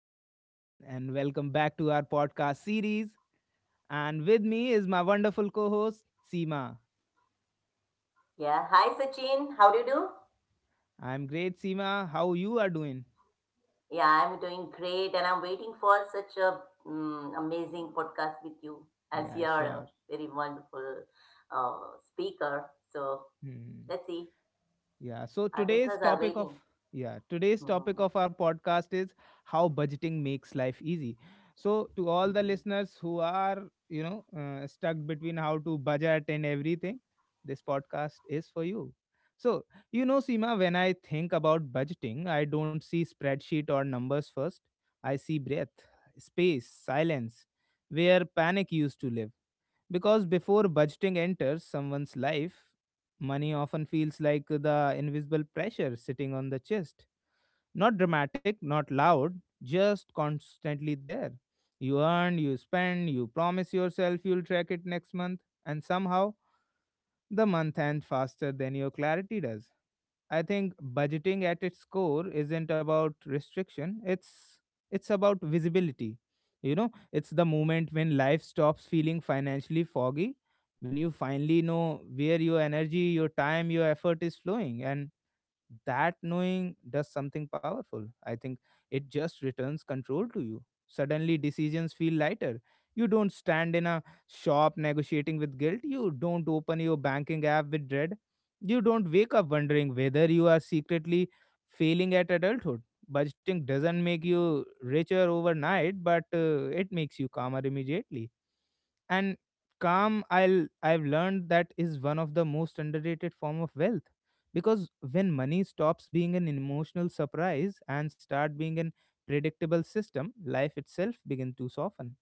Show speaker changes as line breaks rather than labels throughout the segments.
is Sachin, and welcome back to our podcast series. And with me is my wonderful co host, Seema.
Yeah, hi Sachin. How do you do?
I'm great, Seema. How you are doing?
Yeah, I'm doing great and I'm waiting for such a amazing podcast with you as
Yeah,
you're a
sure.
very wonderful uh, speaker. So
Hmm.
let's see,
Yeah. So
our
today's
listeners are
topic of
waiting.
yeah, today's topic
Mhm.
of our podcast is how budgeting makes life easy. So to all the
Mhm.
listeners who are, stuck between how to budget and everything, this podcast is for you. So, Seema, when I think about budgeting, I don't see spreadsheet or numbers first. I see breath, space, silence, where panic used to live. Because before budgeting enters someone's life, money often feels like the invisible pressure sitting on the chest. Not dramatic, not loud, just constantly there. You earn, you spend, you promise yourself you'll track it next month, and somehow the month ends faster than your clarity does. I think budgeting at its core isn't about restriction. It's about visibility. You know, it's the moment when life stops feeling financially foggy, when you finally know where your energy, your time, your effort is flowing, and that knowing does something powerful, I think. It just returns control to you. Suddenly decisions feel lighter. You don't stand in a shop negotiating with guilt. You don't open your banking app with dread. You don't wake up wondering whether you are secretly failing at adulthood. Budgeting doesn't make you richer overnight, but it makes you calmer immediately. And calm, I've learned, that is one of the most underrated form of wealth. Because when money stops being an emotional surprise and start being an predictable system, life itself begin to soften.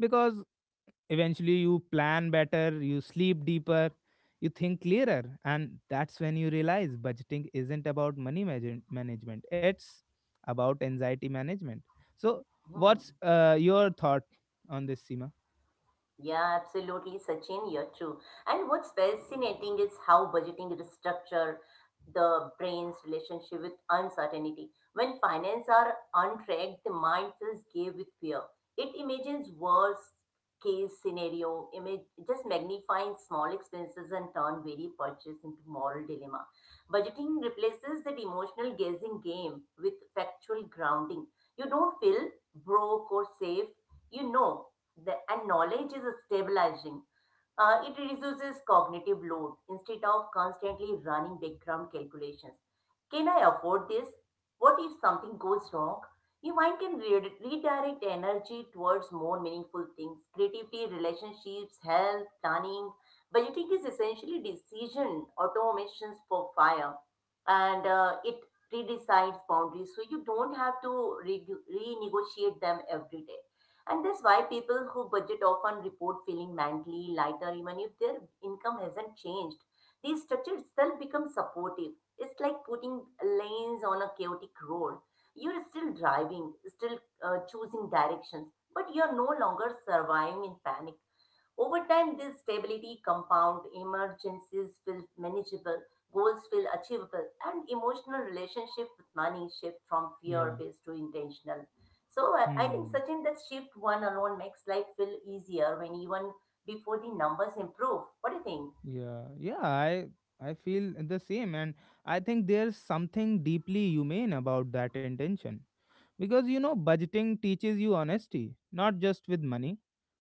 Because eventually you plan better, you sleep deeper, you think clearer, and that's when you realize budgeting isn't about management. It's about anxiety management. So
Mhm.
what's your thought on this, Seema?
Yeah, absolutely, Sachin, you're true. And what's fascinating is how budgeting restructure the brain's relationship with uncertainty. When finance are on track, the mind feels gay with fear. It imagines worst case scenario, image just magnifying small expenses and turn very purchase into moral dilemma. Budgeting replaces that emotional guessing game with factual grounding. You don't feel broke or safe you know the, and knowledge is stabilizing. It reduces cognitive load instead of constantly running background calculations. Can I afford this? What if something goes wrong? Your mind can redirect energy towards more meaningful things. Creativity, relationships, health, planning. Budgeting is essentially decision automations for fire. And it redecides boundaries so you don't have to renegotiate them every day. And that's why people who budget often report feeling mentally lighter even if their income hasn't changed. The structure itself becomes supportive. It's like putting lanes on a chaotic road. You're still driving, still choosing directions, but you're no longer surviving in panic. Over time, this stability compound emergencies feel manageable, goals feel achievable, and emotional relationship with money shift from
Yeah.
fear-based to intentional. So I think
Hmm.
Sachin, that shift one alone makes life feel easier when even before the numbers improve. What do you think?
Yeah, I feel the same. And I think there's something deeply humane about that intention, because you know budgeting teaches you honesty, not just with money,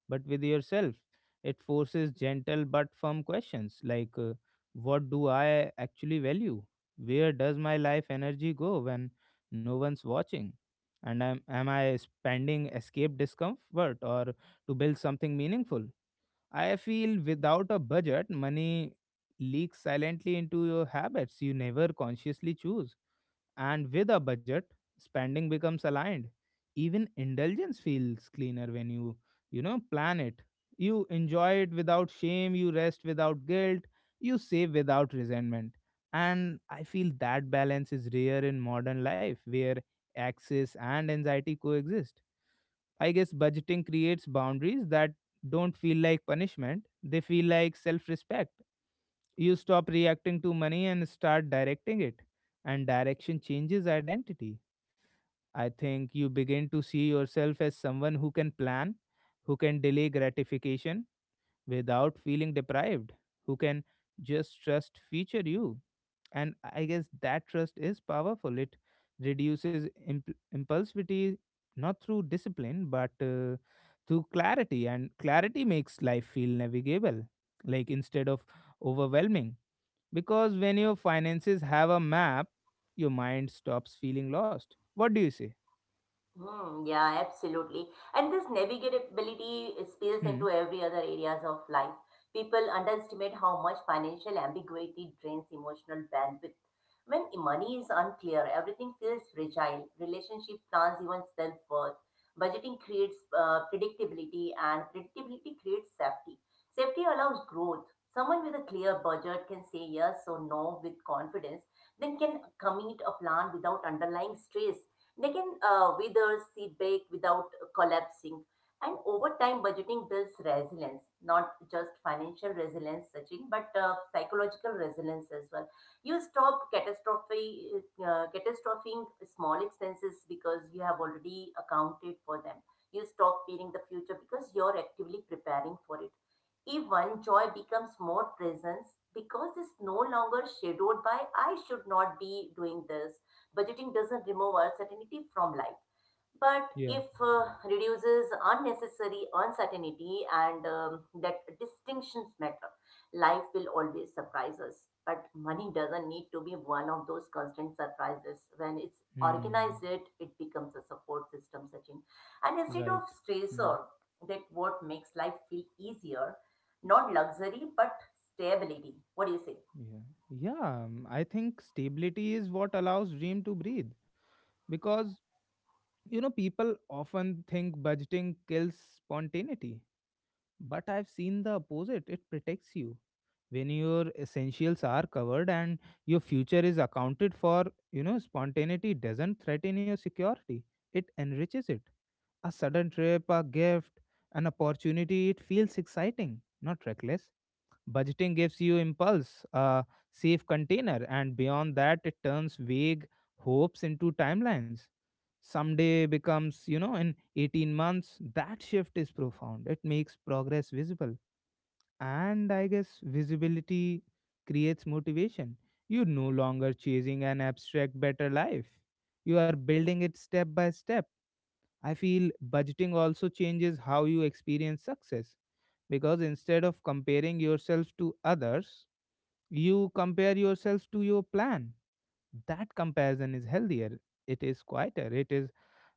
but with yourself. It forces gentle but firm questions like, what do I actually value? Where does my life energy go when no one's watching? And am I spending escape discomfort or to build something meaningful? I feel without a budget, money leaks silently into your habits you never consciously choose. And with a budget, spending becomes aligned. Even indulgence feels cleaner when you plan it. You enjoy it without shame, you rest without guilt, you save without resentment. And I feel that balance is rare in modern life where access and anxiety coexist. I guess budgeting creates boundaries that don't feel like punishment, they feel like self respect. You stop reacting to money and start directing it, and direction changes identity. I think you begin to see yourself as someone who can plan, who can delay gratification without feeling deprived, who can just trust future you. And I guess that trust is powerful. It reduces impulsivity, not through discipline, but through clarity. And clarity makes life feel navigable, like, instead of overwhelming. Because when your finances have a map, your mind stops feeling lost. What do you say?
Hmm, yeah, absolutely. And this navigability spills
Hmm.
into every other areas of life. People underestimate how much financial ambiguity drains emotional bandwidth. When money is unclear, everything feels fragile. Relationship plans, even self-worth. Budgeting creates predictability, and predictability creates safety. Safety allows growth. Someone with a clear budget can say yes or no with confidence, then can commit a plan without underlying stress. They can wither, seed bake without collapsing. And over time, budgeting builds resilience, not just financial resilience, Sachin, but psychological resilience as well. You stop catastrophing small expenses because you have already accounted for them. You stop fearing the future because you're actively preparing for it. Even joy becomes more presence because it's no longer shadowed by I should not be doing this. Budgeting doesn't remove uncertainty from life, but
Yeah.
if reduces unnecessary uncertainty and that distinctions matter. Life will always surprise us, but money doesn't need to be one of those constant surprises. When it's
Hmm.
organized, it becomes a support system, Sachin. And instead of
Right. Hmm.
stressor, that what makes life feel easier, not luxury but stability. What do you say?
Yeah. Yeah. I think stability is what allows dream to breathe. Because, you know, people often think budgeting kills spontaneity. But I've seen the opposite. It protects you. When your essentials are covered and your future is accounted for, you know spontaneity doesn't threaten your security, it enriches it. A sudden trip, a gift, an opportunity, it feels exciting, not reckless. Budgeting gives you impulse a safe container. And beyond that, it turns vague hopes into timelines. Someday becomes, you know, in 18 months. That shift is profound. It makes progress visible. And I guess visibility creates motivation. You're no longer chasing an abstract better life. You are building it step by step. I feel budgeting also changes how you experience success, because instead of comparing yourself to others, you compare yourselves to your plan. That comparison is healthier. It is quieter. It is,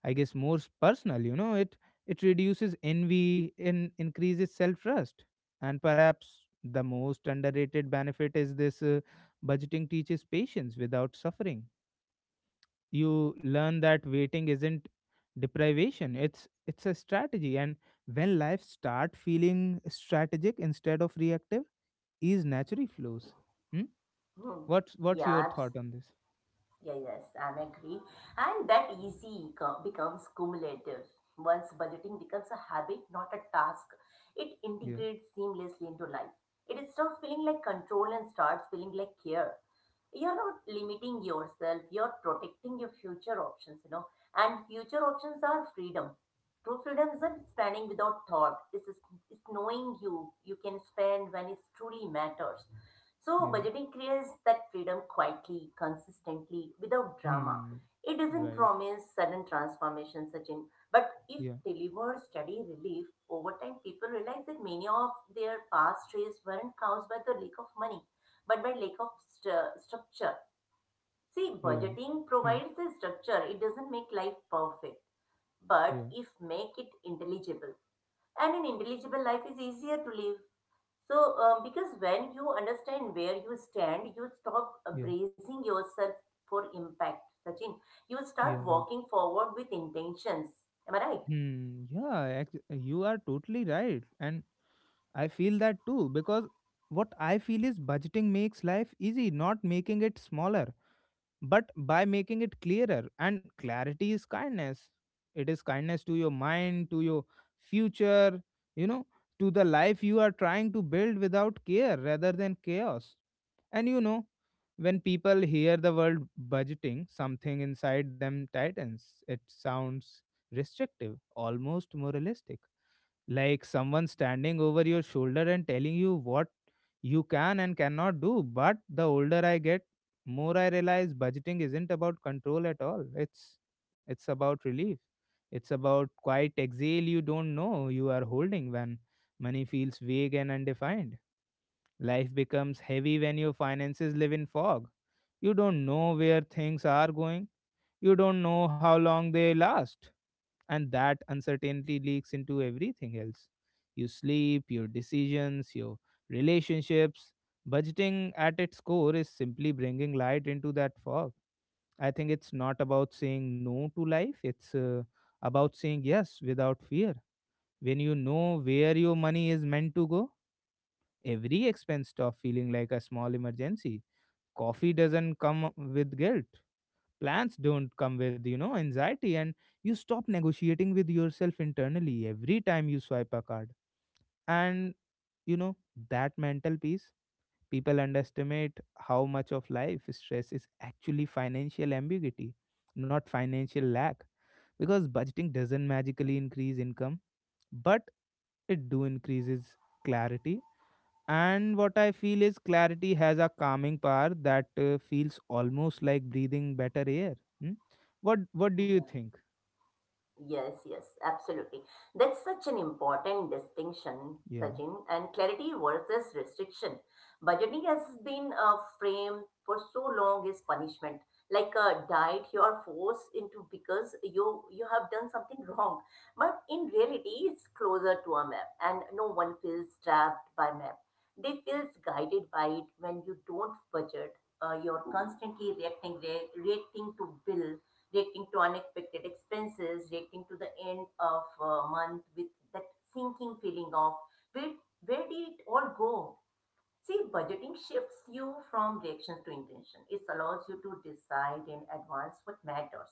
I guess, more personal. You know, it reduces envy and increases self trust. And perhaps the most underrated benefit is this: budgeting teaches patience without suffering. You learn that waiting isn't deprivation. It's a strategy. And when life start feeling strategic instead of reactive, ease naturally flows. Hmm?
Hmm.
What's your
Yeah,
thought on this?
yeah, yes, and agree. And that becomes cumulative. Once budgeting becomes a habit, not a task, it
Yeah,
integrates seamlessly into life. It stops feeling like control and starts feeling like care. You're not limiting yourself, you're protecting your future options, you know. And future options are freedom. True freedom isn't spending without thought. It's knowing you can spend when it truly matters. So,
yeah.
budgeting creates that freedom quietly, consistently, without drama.
Hmm.
It doesn't
Right.
promise sudden transformation, Sachin, but if
Yeah.
delivered steady relief, over time people realize that many of their past stress weren't caused by the lack of money, but by lack of structure. See,
Yeah.
budgeting
Hmm.
provides the structure, it doesn't make life perfect,
Yeah.
but if make it intelligible. And an intelligible life is easier to live. So, because when you understand where you stand, you stop
Yeah.
bracing yourself for impact, Sachin. You start
Yeah.
walking forward with intentions. Am I right?
Hmm. Yeah. You are totally right, and I feel that too, because what I feel is budgeting makes life easy, not making it smaller, but by making it clearer. And clarity is kindness. It is kindness to your mind, to your future. You know, to the life you are trying to build without care rather than chaos. And you know, when people hear the word budgeting, something inside them tightens. It sounds restrictive, almost moralistic. Like someone standing over your shoulder and telling you what you can and cannot do. But the older I get, more I realize budgeting isn't about control at all. It's about relief. It's about quiet exhale you don't know you are holding when money feels vague and undefined. Life becomes heavy when your finances live in fog. You don't know where things are going, you don't know how long they last, and that uncertainty leaks into everything else. You sleep, your decisions, your relationships. Budgeting at its core is simply bringing light into that fog. I think it's not about saying no to life, it's about saying yes without fear. When you know where your money is meant to go, every expense stops feeling like a small emergency. Coffee doesn't come with guilt. Plans don't come with anxiety. And you stop negotiating with yourself internally every time you swipe a card. And you know, that mental peace, people underestimate how much of life stress is actually financial ambiguity, not financial lack. Because budgeting doesn't magically increase income, but it do increases clarity. And what I feel is, clarity has a calming power that feels almost like breathing better air. Hmm? What do you think?
Yes, yes, absolutely. That's such an important distinction,
Yeah.
Sachin, and clarity versus restriction. Budgeting has been a framed for so long as punishment, like a diet you are forced into because you have done something wrong. But in reality, it's closer to a map, and no one feels trapped by map. They feels guided by it when you don't budget. You're constantly reacting, reacting to bills reacting to unexpected expenses, reacting to the end of a month with that sinking feeling of where where did it all go? See, budgeting shifts you from reactions to intention. It allows you to decide in advance what matters.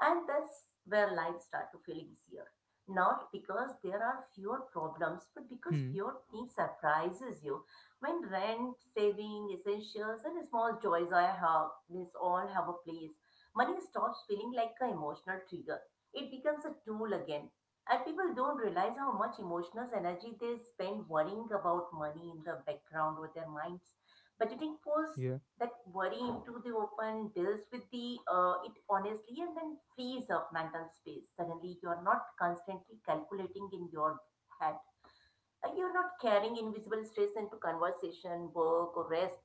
And that's where life starts to feel easier. Not because there are fewer problems, but because
Hmm.
fewer things surprises you. When rent, saving, essentials, and small joys I have, this all have a place. Money stops feeling like an emotional trigger. It becomes a tool again. And people don't realize how much emotional energy they spend worrying about money in the background with their minds. Budgeting pulls
Yeah.
that worry into the open, deals with the it honestly, and then frees up mental space. Suddenly, you're not constantly calculating in your head. You're not carrying invisible stress into conversation, work, or rest.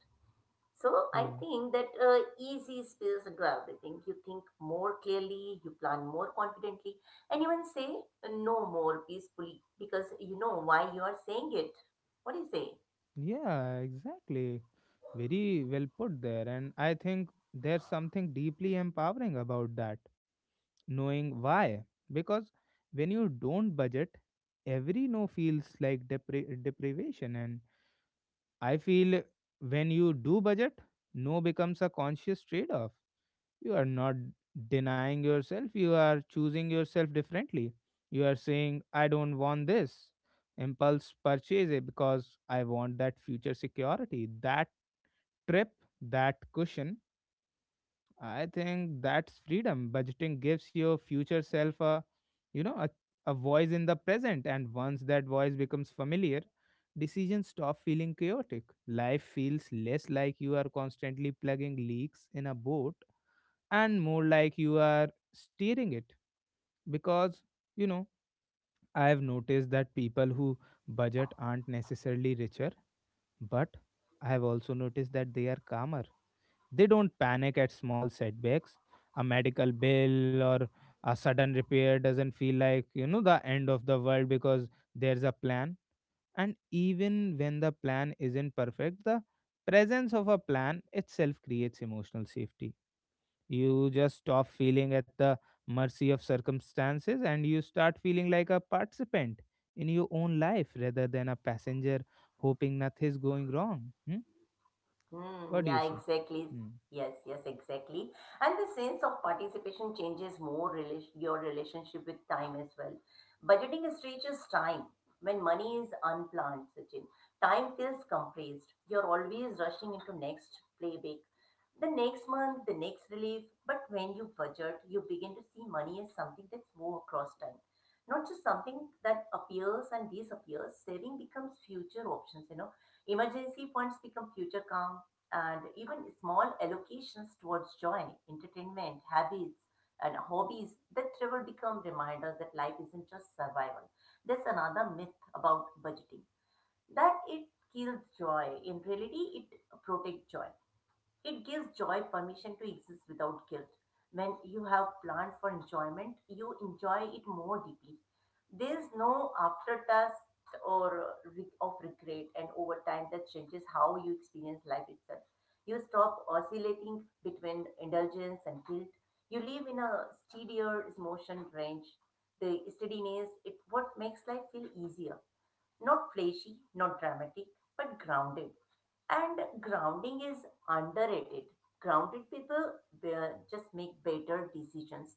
So I
Yeah.
think that easy spills into everything. You think more clearly, you plan more confidently, and even say no more peacefully because you know why you are saying it. What do you say?
Yeah. Exactly. Very well put there. And I think there's something deeply empowering about that. Knowing why. Because when you don't budget, every no feels like deprivation. And I feel when you do budget, no becomes a conscious trade-off. You are not denying yourself, you are choosing yourself differently. You are saying, I don't want this impulse purchase it, because I want that future security, that trip, that cushion. I think that's freedom. Budgeting gives your future self a, you know a voice in the present. And once that voice becomes familiar, decisions stop feeling chaotic. Life feels less like you are constantly plugging leaks in a board, and more like you are steering it. Because, you know, I have noticed that people who budget aren't necessarily richer, but I have also noticed that they are calmer. They don't panic at small setbacks. A medical bill or a sudden repair doesn't feel like, you know, the end of the world, because there's a plan. And even when the plan isn't perfect, the presence of a plan itself creates emotional safety. You just stop feeling at the mercy of circumstances, and you start feeling like a participant in your own life rather than a passenger hoping nothing's going wrong. Hmm?
Hmm,
What do you
yeah,
say?
exactly.
Hmm.
Yes, yes, exactly. And the sense of participation changes more your relationship with time as well. Budgeting stretches time. When money is unplanned, Sachin, time feels compressed. You're always rushing into next playback, the next month, the next relief. But when you budget, you begin to see money as something that's more across time, not just something that appears and disappears. Saving becomes future options, you know. Emergency funds become future and even small allocations towards joy, entertainment, habits, and hobbies that travel become reminders that life isn't just survival. There's another myth about budgeting that it kills joy. In reality, it protects joy. It gives joy permission to exist without guilt. When you have planned for enjoyment, you enjoy it more deeply. There is no aftertaste or of regret, and over time that changes how you experience life itself. You stop oscillating between indulgence and guilt. You live in a steadier emotion range. The steadiness it what makes life feel easier, not flashy, not dramatic, but grounded. And grounding is underrated. Grounded people just make better decisions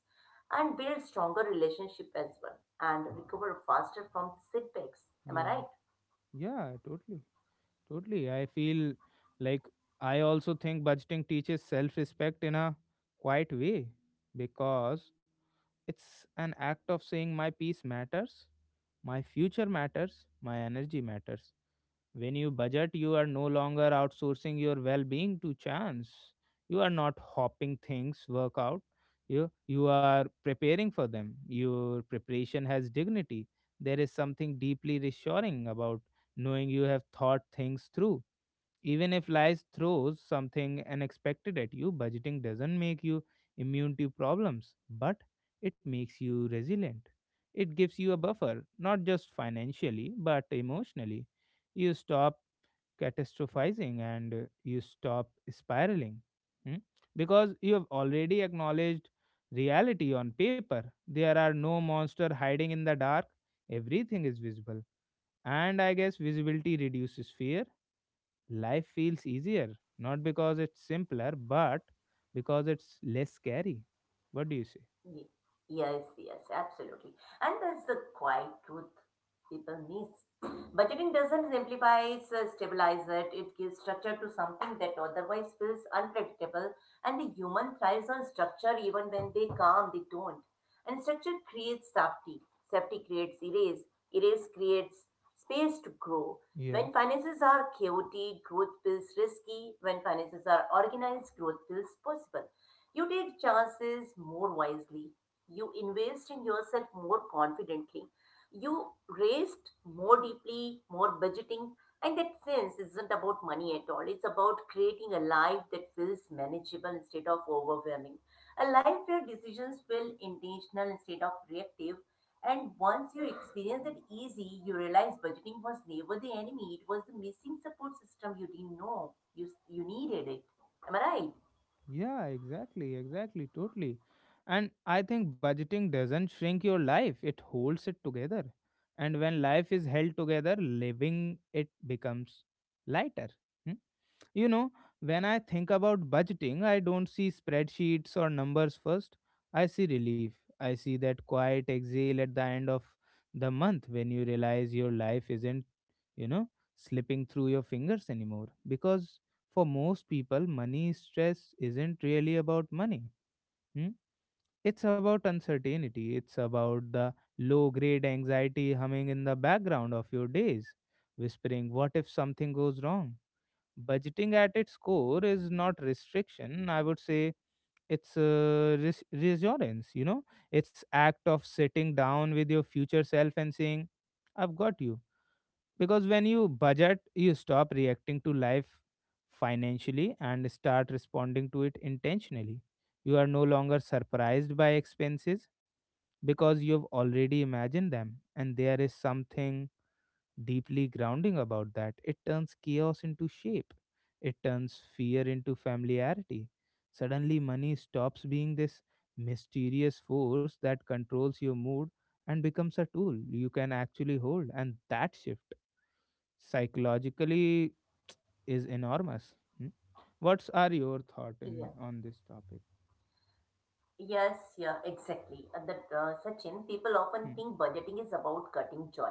and build stronger relationship as well and recover faster from setbacks. Am I
Yeah,
right?
yeah, totally, I feel like I also think budgeting teaches self respect in a quiet way, because it's an act of saying my peace matters, my future matters, my energy matters. When you budget, you are no longer outsourcing your well being to chance. You are not hopping things work out. You are preparing for them. Your preparation has dignity. There is something deeply reassuring about knowing you have thought things through. Even if life throws something unexpected at you, budgeting doesn't make you immune to problems, but it makes you resilient. It gives you a buffer, not just financially, but emotionally. You stop catastrophizing, and you stop spiraling. Hmm? Because you have already acknowledged reality on paper. There are no monster hiding in the dark. Everything is visible. And I guess visibility reduces fear. Life feels easier, not because it's simpler, but because it's less scary. What do you say?
Ye- Yes, yes, absolutely. And that's the quiet truth people miss. Budgeting doesn't simplify, stabilize it. It gives structure to something that otherwise feels unpredictable. And the human thrives on structure even when they calm, they don't. And structure creates safety. Safety creates erase. Erase creates space to grow.
Yeah.
When finances are chaotic, growth feels risky. When finances are organized, growth feels possible. You take chances more wisely. You invest in yourself more confidently. You rest more deeply, more budgeting. And that sense isn't about money at all. It's about creating a life that feels manageable instead of overwhelming. A life where decisions feel intentional instead of reactive. And once you experience that easy, you realize budgeting was never the enemy. It was the missing support system you didn't know you needed it. Am I right?
Yeah, exactly, totally. And I think budgeting doesn't shrink your life, it holds it together. And when life is held together, living it becomes lighter. Hmm? You know, when I think about budgeting, I don't see spreadsheets or numbers first. I see relief. I see that quiet exhale at the end of the month when you realize your life isn't, you know, slipping through your fingers anymore. Because for most people, money stress isn't really about money. Hmm? It's about uncertainty. It's about the low grade anxiety humming in the background of your days, whispering, "What if something goes wrong?" Budgeting at its core is not restriction. I would say it's reassurance, you know? It's act of sitting down with your future self and saying, "I've got you." Because when you budget, you stop reacting to life financially and start responding to it intentionally. You are no longer surprised by expenses because you've already imagined them, and there is something deeply grounding about that. It turns chaos into shape, it turns fear into familiarity. Suddenly, money stops being this mysterious force that controls your mood and becomes a tool you can actually hold. And that shift psychologically is enormous. Hmm? What's are your thought
Yeah.
in on this topic?
Yes, yeah, exactly. And that Sachin, people often
Hmm.
think budgeting is about cutting joy,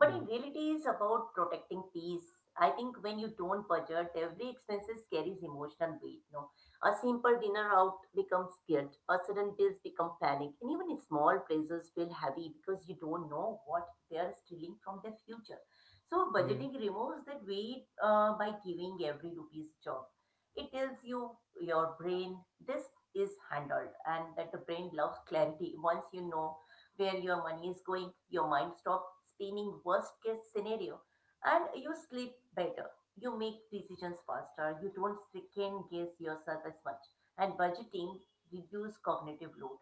but
Yeah,
in reality, it's about protecting peace. I think when you don't budget, every expenses carries emotional weight. No, a simple dinner out becomes guilt, a sudden bills become panic, and even small praises feel heavy because you don't know what they are stealing from their future. So
yeah,
budgeting removes that weight by giving every rupees job. It tells you your brain this is handled and that the brain loves clarity. Once you know where your money is going, your mind stops spinning worst case scenario and you sleep better. You make decisions faster. You don't second guess yourself as much. And budgeting reduce cognitive load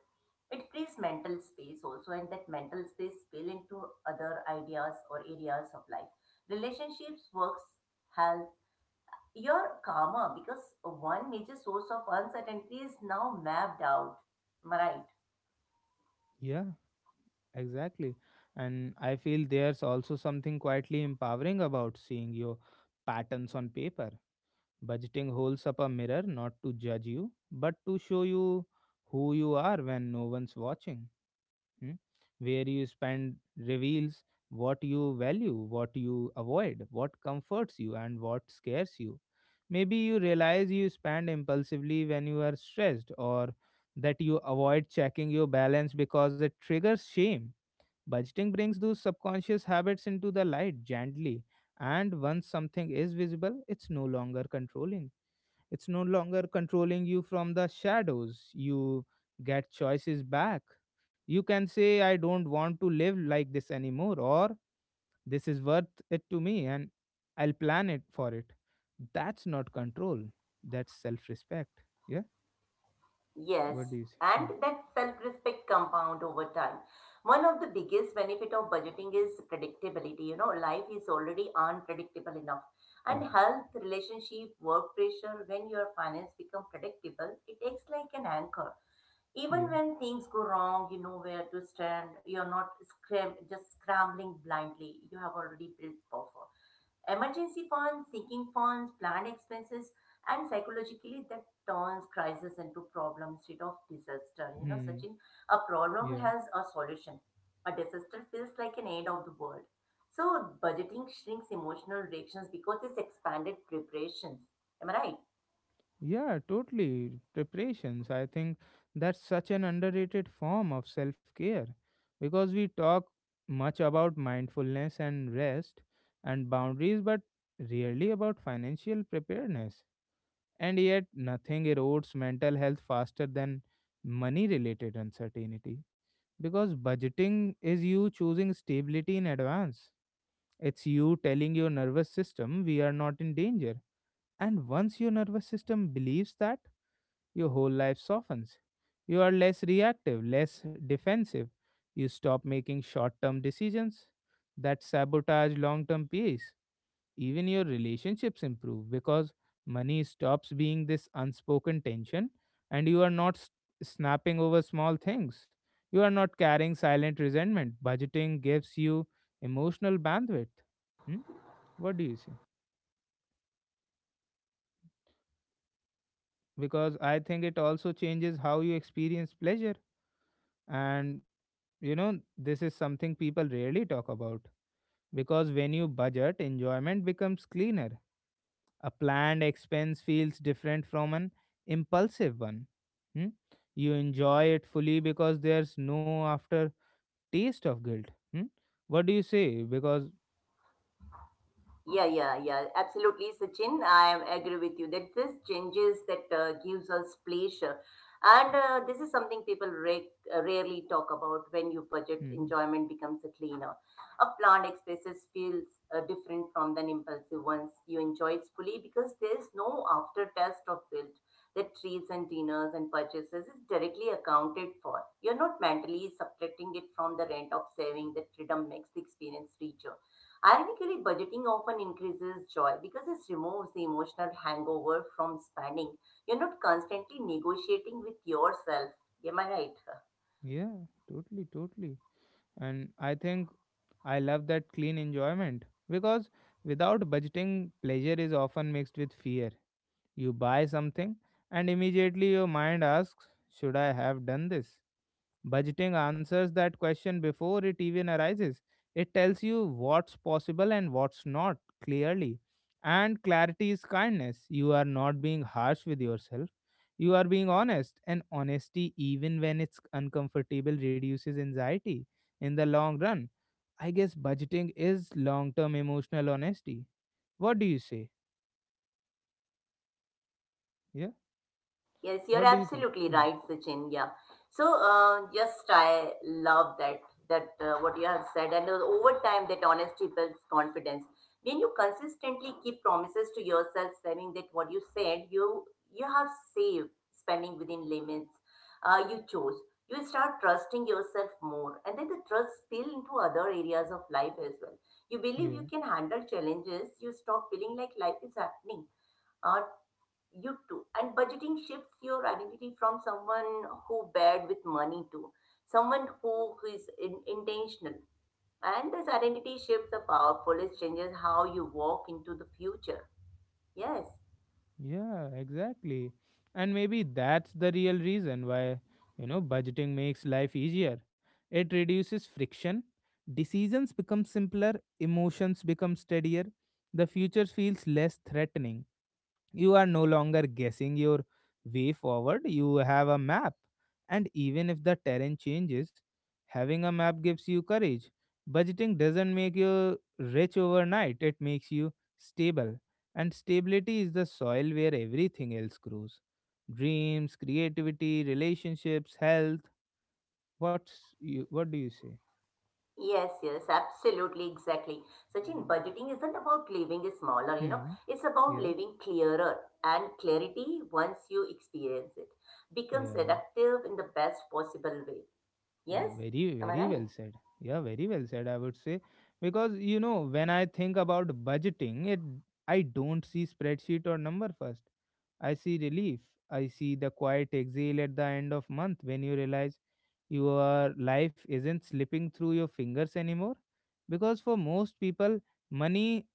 it frees mental space also and that mental space spill into other ideas or areas of life relationships works health you're calmer because one major source of uncertainty is now mapped out. Am I right?
yeah, exactly. And I feel there's also something quietly empowering about seeing your patterns on paper. Budgeting holds up a mirror, not to judge you, but to show you who you are when no one's watching. Hmm, where you spend reveals what you value, what you avoid, what comforts you, and what scares you. Maybe you realize you spend impulsively when you are stressed, or that you avoid checking your balance because it triggers shame. Budgeting brings those subconscious habits into the light gently, and once something is visible, it's no longer controlling you from the shadows. You get choices back. You can say, "I don't want to live like this anymore," or, "this is worth it to me, and I'll plan it for it." That's not control, that's self respect. Yeah,
Yes,
what do you say? Hmm.
and that self-respect compound over time. One of the biggest benefit of budgeting is predictability. You know, life is already unpredictable enough. And health, relationship, work pressure, when your finance become predictable, it acts like an anchor. Even
Yeah,
when things go wrong, you know where to stand. You're not just scrambling blindly. You have already built buffer. Emergency funds, sinking funds, planned expenses, and psychologically that turns crisis into problem instead of disaster. You know,
hmm.
Sachin, a problem
Yeah.
has a solution. A disaster feels like an end of the world. So budgeting shrinks emotional reactions because it's expanded preparations. Am I right?
Yeah, totally. Preparations. I think that's such an underrated form of self care, because we talk much about mindfulness and rest and boundaries, but rarely about financial preparedness. And yet, nothing erodes mental health faster than money related uncertainty, because budgeting is you choosing stability in advance. It's you telling your nervous system we are not in danger. And once your nervous system believes that, your whole life softens. You are less reactive, less defensive. You stop making short term decisions that sabotage long term peace. Even your relationships improve, because money stops being this unspoken tension and you are not snapping over small things. You are not carrying silent resentment. Budgeting gives you emotional bandwidth. Hmm? What do you say? Because I think it also changes how you experience pleasure. And you know, this is something people rarely talk about, because when you budget, enjoyment becomes cleaner. A planned expense feels different from an impulsive one. Hmm? You enjoy it fully because there's no after taste of guilt. Hmm? What do you say? Because,
Yeah, yeah, yeah, absolutely, Sachin. Agree with you that this changes that gives us pleasure, and this is something people rarely talk about. When you budget,
hmm,
enjoyment becomes a cleaner. A planned expenses feels different from the impulsive ones. You enjoy it fully because there is no aftertaste of guilt. The treats and dinners and purchases is directly accounted for. You're not mentally subtracting it from the rent of saving. That freedom makes the experience richer. Ironically, budgeting often increases joy because it removes the emotional hangover from spending. You're not constantly negotiating with yourself. Am I right?
yeah, totally, totally. And I think I love that clean enjoyment, because without budgeting, pleasure is often mixed with fear. You buy something, and immediately your mind asks, "Should I have done this?" Budgeting answers that question before it even arises. It tells you what's possible and what's not, clearly. And clarity is kindness. You are not being harsh with yourself. You are being honest, and honesty, even when it's uncomfortable, reduces anxiety in the long run. I guess budgeting is long term emotional honesty. What do you say? Yeah?
Yes, you're
What do you think?
absolutely
Hmm.
right, Sachin. Yeah. So just I love that what you have said, and over time, that honesty builds confidence. When you consistently keep promises to yourself, saying that what you said, you have saved spending within limits you chose. You start trusting yourself more, and then the trust spill into other areas of life as well. You believe you
Yeah.
can handle challenges. You stop feeling like life is happening uh, you too. And budgeting shifts your identity from someone who bad with money to someone who is in, intentional. And this identity shifts are powerful. It changes how you walk into the future. Yes.
Yeah, exactly. And maybe that's the real reason why, you know, budgeting makes life easier. It reduces friction, decisions become simpler, emotions become steadier, the future feels less threatening. You are no longer guessing your way forward, you have a map. And even if the terrain changes, having a map gives you courage. Budgeting doesn't make you rich overnight, it makes you stable. And stability is the soil where everything else grows: dreams, creativity, relationships, health. What's you, what do you say?
Yes, yes, absolutely, exactly. Sachin, budgeting isn't about living smaller, you know,
Hmm.
it's about
Yeah.
living clearer. And clarity, once you experience it, becomes
Yeah.
seductive in the best possible way.
Yeah,
Yes?
very,
Am I
very well
right?
said. Yeah, very well said, I would say. Because, you know, when I think about budgeting, it I don't see spreadsheet or number first. I see relief. I see the quiet exhale at the end of month when you realize your life isn't slipping through your fingers anymore. Because for most people, money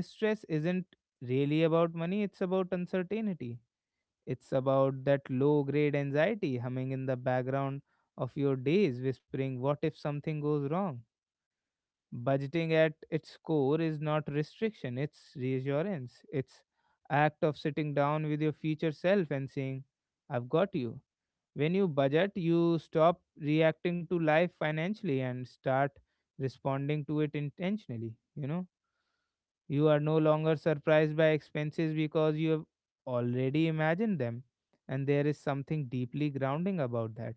stress isn't really about money, it's about uncertainty. It's about that low grade anxiety humming in the background of your days, whispering, "What if something goes wrong?" Budgeting at its core is not restriction, it's reassurance. It's act of sitting down with your future self and saying, "I've got you." When you budget, you stop reacting to life financially and start responding to it intentionally, you know? You are no longer surprised by expenses because you have already imagined them. And there is something deeply grounding about that.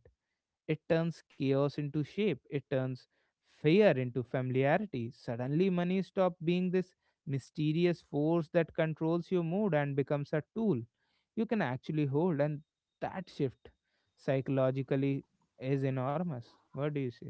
It turns chaos into shape, it turns fear into familiarity. Suddenly, money stops being this mysterious force that controls your mood and becomes a tool you can actually hold. And that shift psychologically is enormous. What do you say?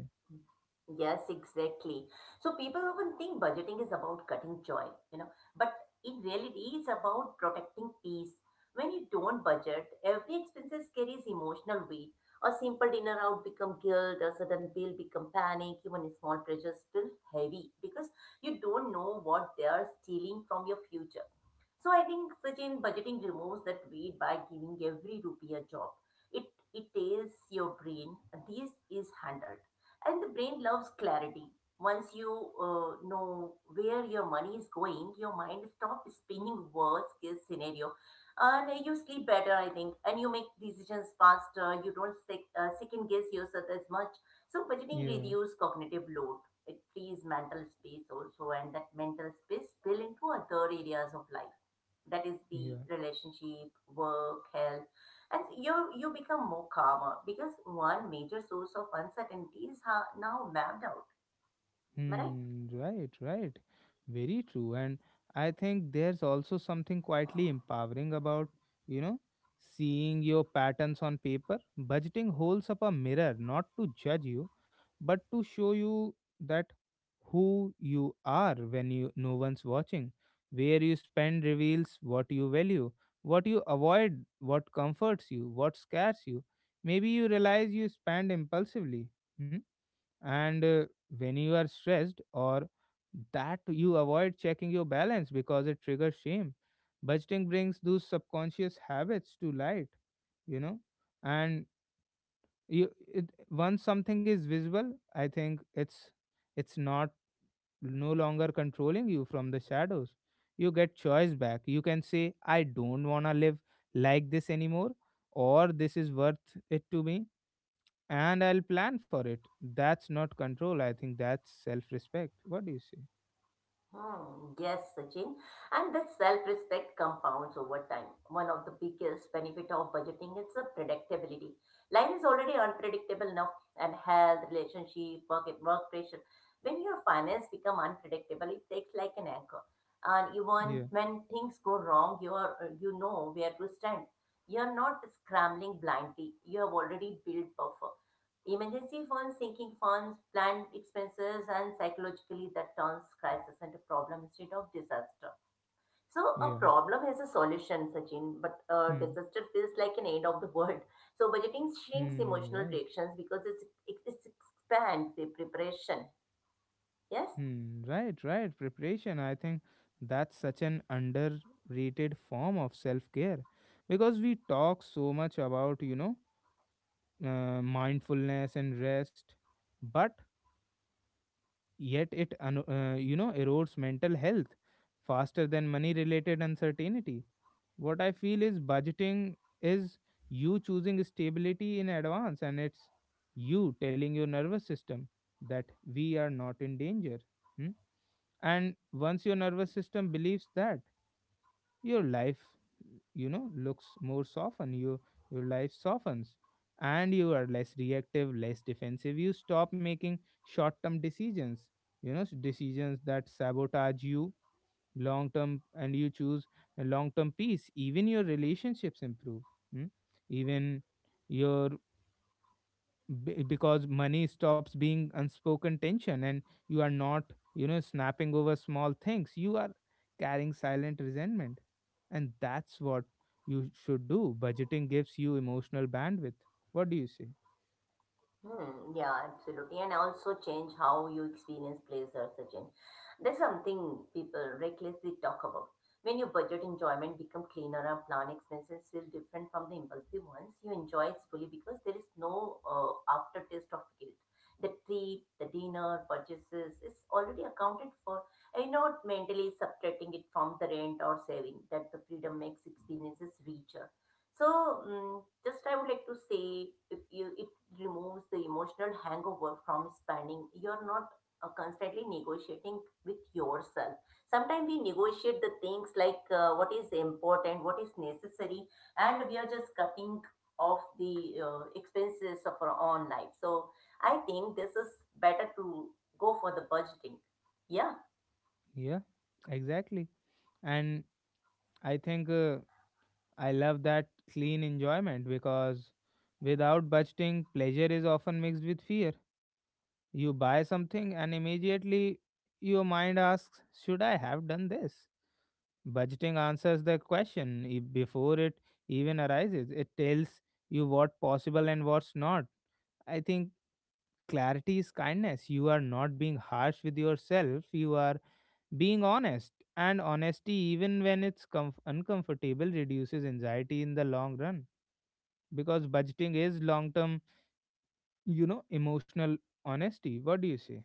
Yes, exactly. So people often think budgeting is about cutting joy, you know, but in reality, it's about protecting peace. When you don't budget, every expenses carries emotional weight. A simple dinner out become guilt, a sudden bill become panic, even small pressures feel heavy because you don't know what they are stealing from your future. So I think Sachin, budgeting removes that weight by giving every rupee a job. It it tells your brain this is handled, and the brain loves clarity. Once you know where your money is going, your mind stops spinning worst case scenario, and you sleep better, I think, and you make decisions faster. You don't second guess yourself as much. So budgeting
Yeah,
reduces cognitive load. It frees mental space also, and that mental space spill into other areas of life, that is the
yeah.
relationship work health, and you become more calmer because one major source of uncertainty is how now mapped out. Am I right?
Hmm, right, right. Very true. And I think there's also something quietly empowering about, you know, seeing your patterns on paper. Budgeting holds up a mirror, not to judge you, but to show you that who you are when you no one's watching. Where you spend reveals what you value, what you avoid, what comforts you, what scares you. Maybe you realize you spend impulsively. Hmm? And When you are stressed, or that you avoid checking your balance because it triggers shame. Budgeting brings those subconscious habits to light, you know. And you it, once something is visible, I think it's not no longer controlling you from the shadows. You get choice back. You can say, "I don't want to live like this anymore," or, "this is worth it to me, and I'll plan for it." That's not control. I think that's self-respect. What do you say?
Hmm, yes, Sachin. And that self-respect compounds over time. One of the biggest benefit of budgeting is the predictability. Life is already unpredictable enough, and health, relationship, work, work pressure. When your finance become unpredictable, it takes like an anchor. And even
Yeah,
when things go wrong, you are, you know, where to stand. You're not scrambling blindly. You have already built buffer. Emergency funds, sinking funds, planned expenses, and psychologically that turns crisis into problem instead of disaster. So a
yeah.
problem has a solution, Sachin, but a
Hmm.
disaster feels like an end of the world. So budgeting shrinks
Hmm.
emotional
Right.
reactions because it's it, it's expand the preparation. Yes.
Hmm. Right. Right. Preparation. I think that's such an underrated form of self-care, because we talk so much about, you know, mindfulness and rest, but yet you know, erodes mental health faster than money-related uncertainty. What I feel is budgeting is you choosing stability in advance, and it's you telling your nervous system that we are not in danger. Hmm? And once your nervous system believes that, your life, you know, looks more softened, your life softens. And you are less reactive, less defensive. You stop making short term decisions, you know, decisions that sabotage you long term, and you choose a long term peace. Even your relationships improve. Hmm. Even your because money stops being unspoken tension, and you are not, you know, snapping over small things. You are carrying silent resentment, and that's what you should do. Budgeting gives you emotional bandwidth. What do you say?
Hmm, yeah, absolutely. And also change how you experience pleasure, Sachin. There's something people recklessly talk about. When your budget enjoyment become cleaner and planned expenses feel different from the impulsive ones, you enjoy it fully because there is no aftertaste of guilt. The trip, the dinner, purchases is already accounted for. And you're not mentally subtracting it from the rent or saving that the freedom makes experiences richer. So just I would like to say if you, it removes the emotional hangover from spending. You're not constantly negotiating with yourself. Sometimes we negotiate the things like what is important, what is necessary, and we are just cutting off the expenses of our own life. So, I think this is better to go for the budgeting. Yeah.
Yeah, exactly. And I think I love that clean enjoyment, because without budgeting, pleasure is often mixed with fear. You buy something and immediately your mind asks, "Should I have done this?" Budgeting answers the question before it even arises. It tells you what possible and what's not. I think clarity is kindness. You are not being harsh with yourself, you are being honest. And honesty, even when it's uncomfortable, reduces anxiety in the long run. Because budgeting is long term, you know, emotional honesty. What do you say?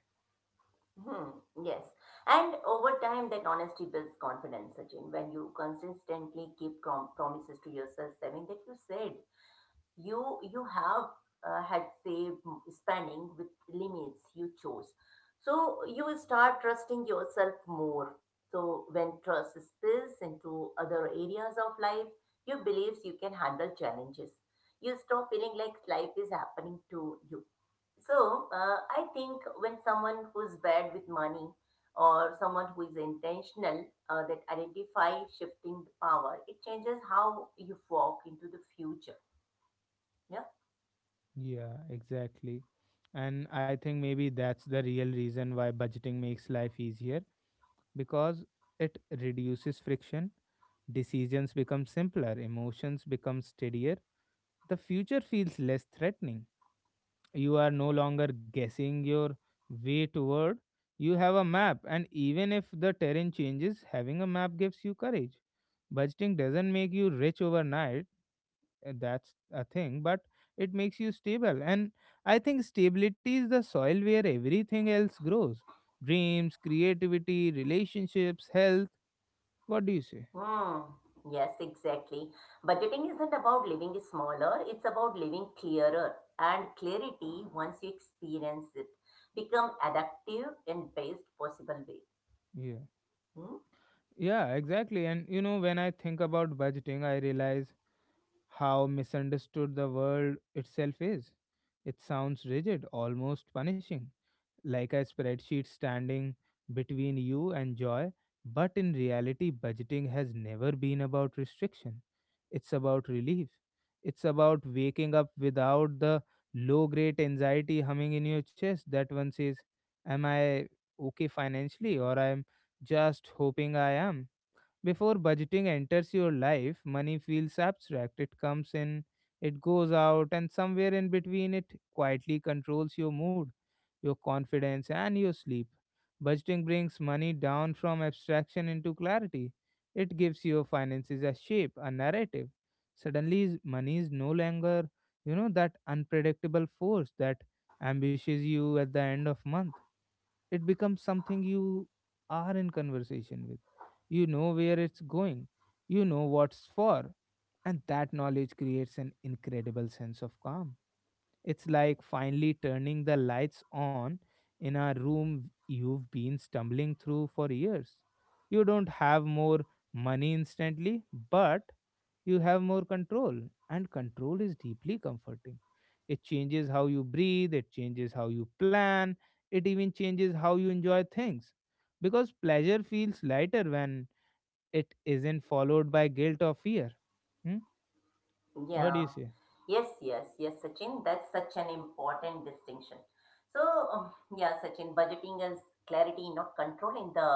Hmm, yes. And over time, that honesty builds confidence, Sachin. When you consistently keep promises to yourself, saying that you said you have had saved spending with limits you chose, so you will start trusting yourself more. So when trust spills into other areas of life, you believes you can handle challenges. You stop feeling like life is happening to you. So I think when someone who's bad with money or someone who is intentional, that identify shifting the power, it changes how you walk into the future. Yeah.
Yeah, exactly. And I think maybe that's the real reason why budgeting makes life easier, because it reduces friction, decisions become simpler, emotions become steadier, the future feels less threatening. You are no longer guessing your way toward, you have a map. And even if the terrain changes, having a map gives you courage. Budgeting doesn't make you rich overnight, that's a thing, but it makes you stable. And I think stability is the soil where everything else grows: dreams, creativity, relationships, health. What do you say?
Hmm. Yes, exactly. Budgeting isn't about living smaller, it's about living clearer. And clarity, once you experience it, become adaptive in best possible way.
Yeah,
Hmm?
yeah, exactly. And you know, when I think about budgeting, I realize how misunderstood the world itself is. It sounds rigid, almost punishing, like a spreadsheet standing between you and joy. But in reality, budgeting has never been about restriction. It's about relief. It's about waking up without the low grade anxiety humming in your chest that one says, "Am I okay financially?" Or, "I'm just hoping I am." Before budgeting enters your life, money feels abstract. It comes in, it goes out, and somewhere in between, it quietly controls your mood, your confidence, and your sleep. Budgeting brings money down from abstraction into clarity. It gives your finances a shape, a narrative. Suddenly, money is no longer, you know, that unpredictable force that ambushes you at the end of month. It becomes something you are in conversation with. You know where it's going. You know what's for. And that knowledge creates an incredible sense of calm. It's like finally turning the lights on in a room you've been stumbling through for years. You don't have more money instantly, but you have more control. And control is deeply comforting. It changes how you breathe, it changes how you plan, it even changes how you enjoy things because pleasure feels lighter when it isn't followed by guilt or fear. Hmm? What do you
Yeah.
say?
Yes, yes, yes, Sachin. That's such an important distinction. So, um, yeah, Sachin, budgeting is clarity, not control in the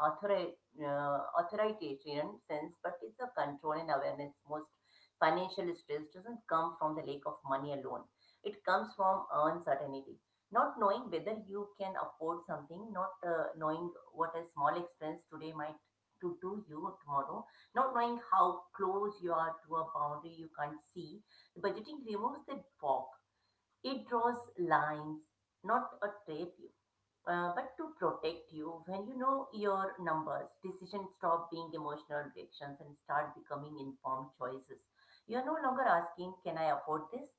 author, authoritarian sense, but it's a control and awareness. Most financial stress doesn't come from the lack of money alone. It comes from uncertainty, not knowing whether you can afford something, not knowing what a small expense today might to do you tomorrow, not knowing how close you are to a boundary you can't see. Budgeting removes that fog. It draws lines, not a trap you, but to protect you. When you know your numbers, decisions stop being emotional reactions and start becoming informed choices. You're no longer asking, "Can I afford this?"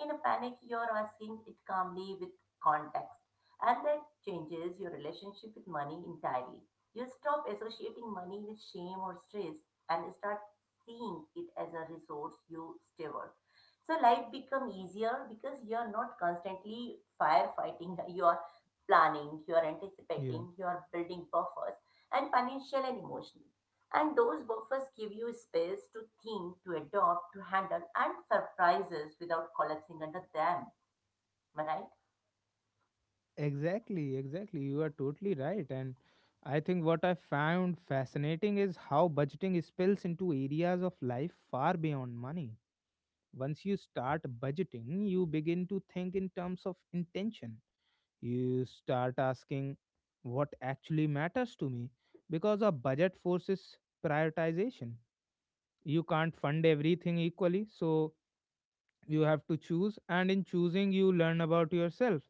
In a panic, you're asking it calmly with context. And that changes your relationship with money entirely. You stop associating money with shame or stress and start seeing it as a resource you steward. So life become easier because you are not constantly firefighting. You are planning, you're
Yeah,
anticipating, you're building buffers, and financial and emotional. And those buffers give you space to think, to adopt, to handle, and surprises without collapsing under them. Am I right?
exactly. You are totally right. And I think what I found fascinating is how budgeting spills into areas of life far beyond money. Once you start budgeting, you begin to think in terms of intention. You start asking what actually matters to me because a budget forces prioritization. You can't fund everything equally, so you have to choose, and in choosing you learn about yourself.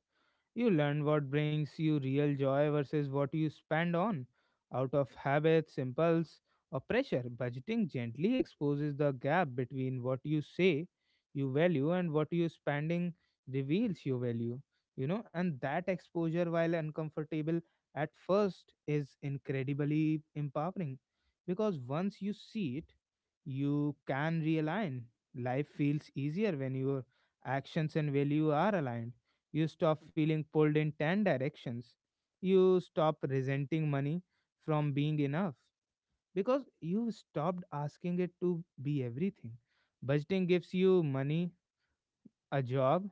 You learn what brings you real joy versus what you spend on out of habits, impulse, or pressure. Budgeting gently exposes the gap between what you say you value and what you spending reveals your value. You know, and that exposure, while uncomfortable at first, is incredibly empowering because once you see it, you can realign. Life feels easier when your actions and value are aligned. You stop feeling pulled in 10 directions. You stop resenting money from being enough because you stopped asking it to be everything. Budgeting gives you money, a job,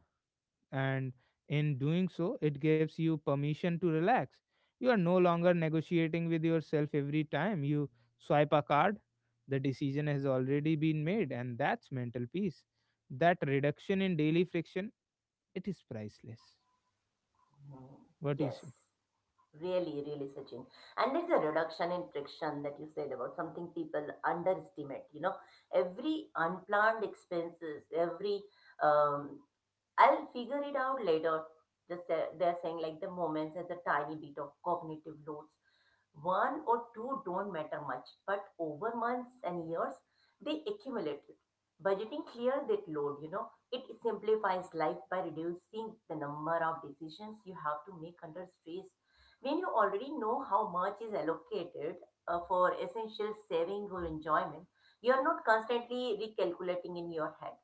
and in doing so, it gives you permission to relax. You are no longer negotiating with yourself every time you swipe a card. The decision has already been made, and that's mental peace. That reduction in daily friction, it is priceless.
Mhm.
What do you
Yes,
say?
really, really, Sachin. And there's a reduction in friction that you said about something people underestimate. You know, every unplanned expenses, every um, I'll figure it out later. They're saying like the moments as a tiny bit of cognitive loads. One or two don't matter much, but over months and years, they accumulate. Budgeting clear that load, you know, it simplifies life by reducing the number of decisions you have to make under stress. When you already know how much is allocated for essential saving or enjoyment, you are not constantly recalculating in your head.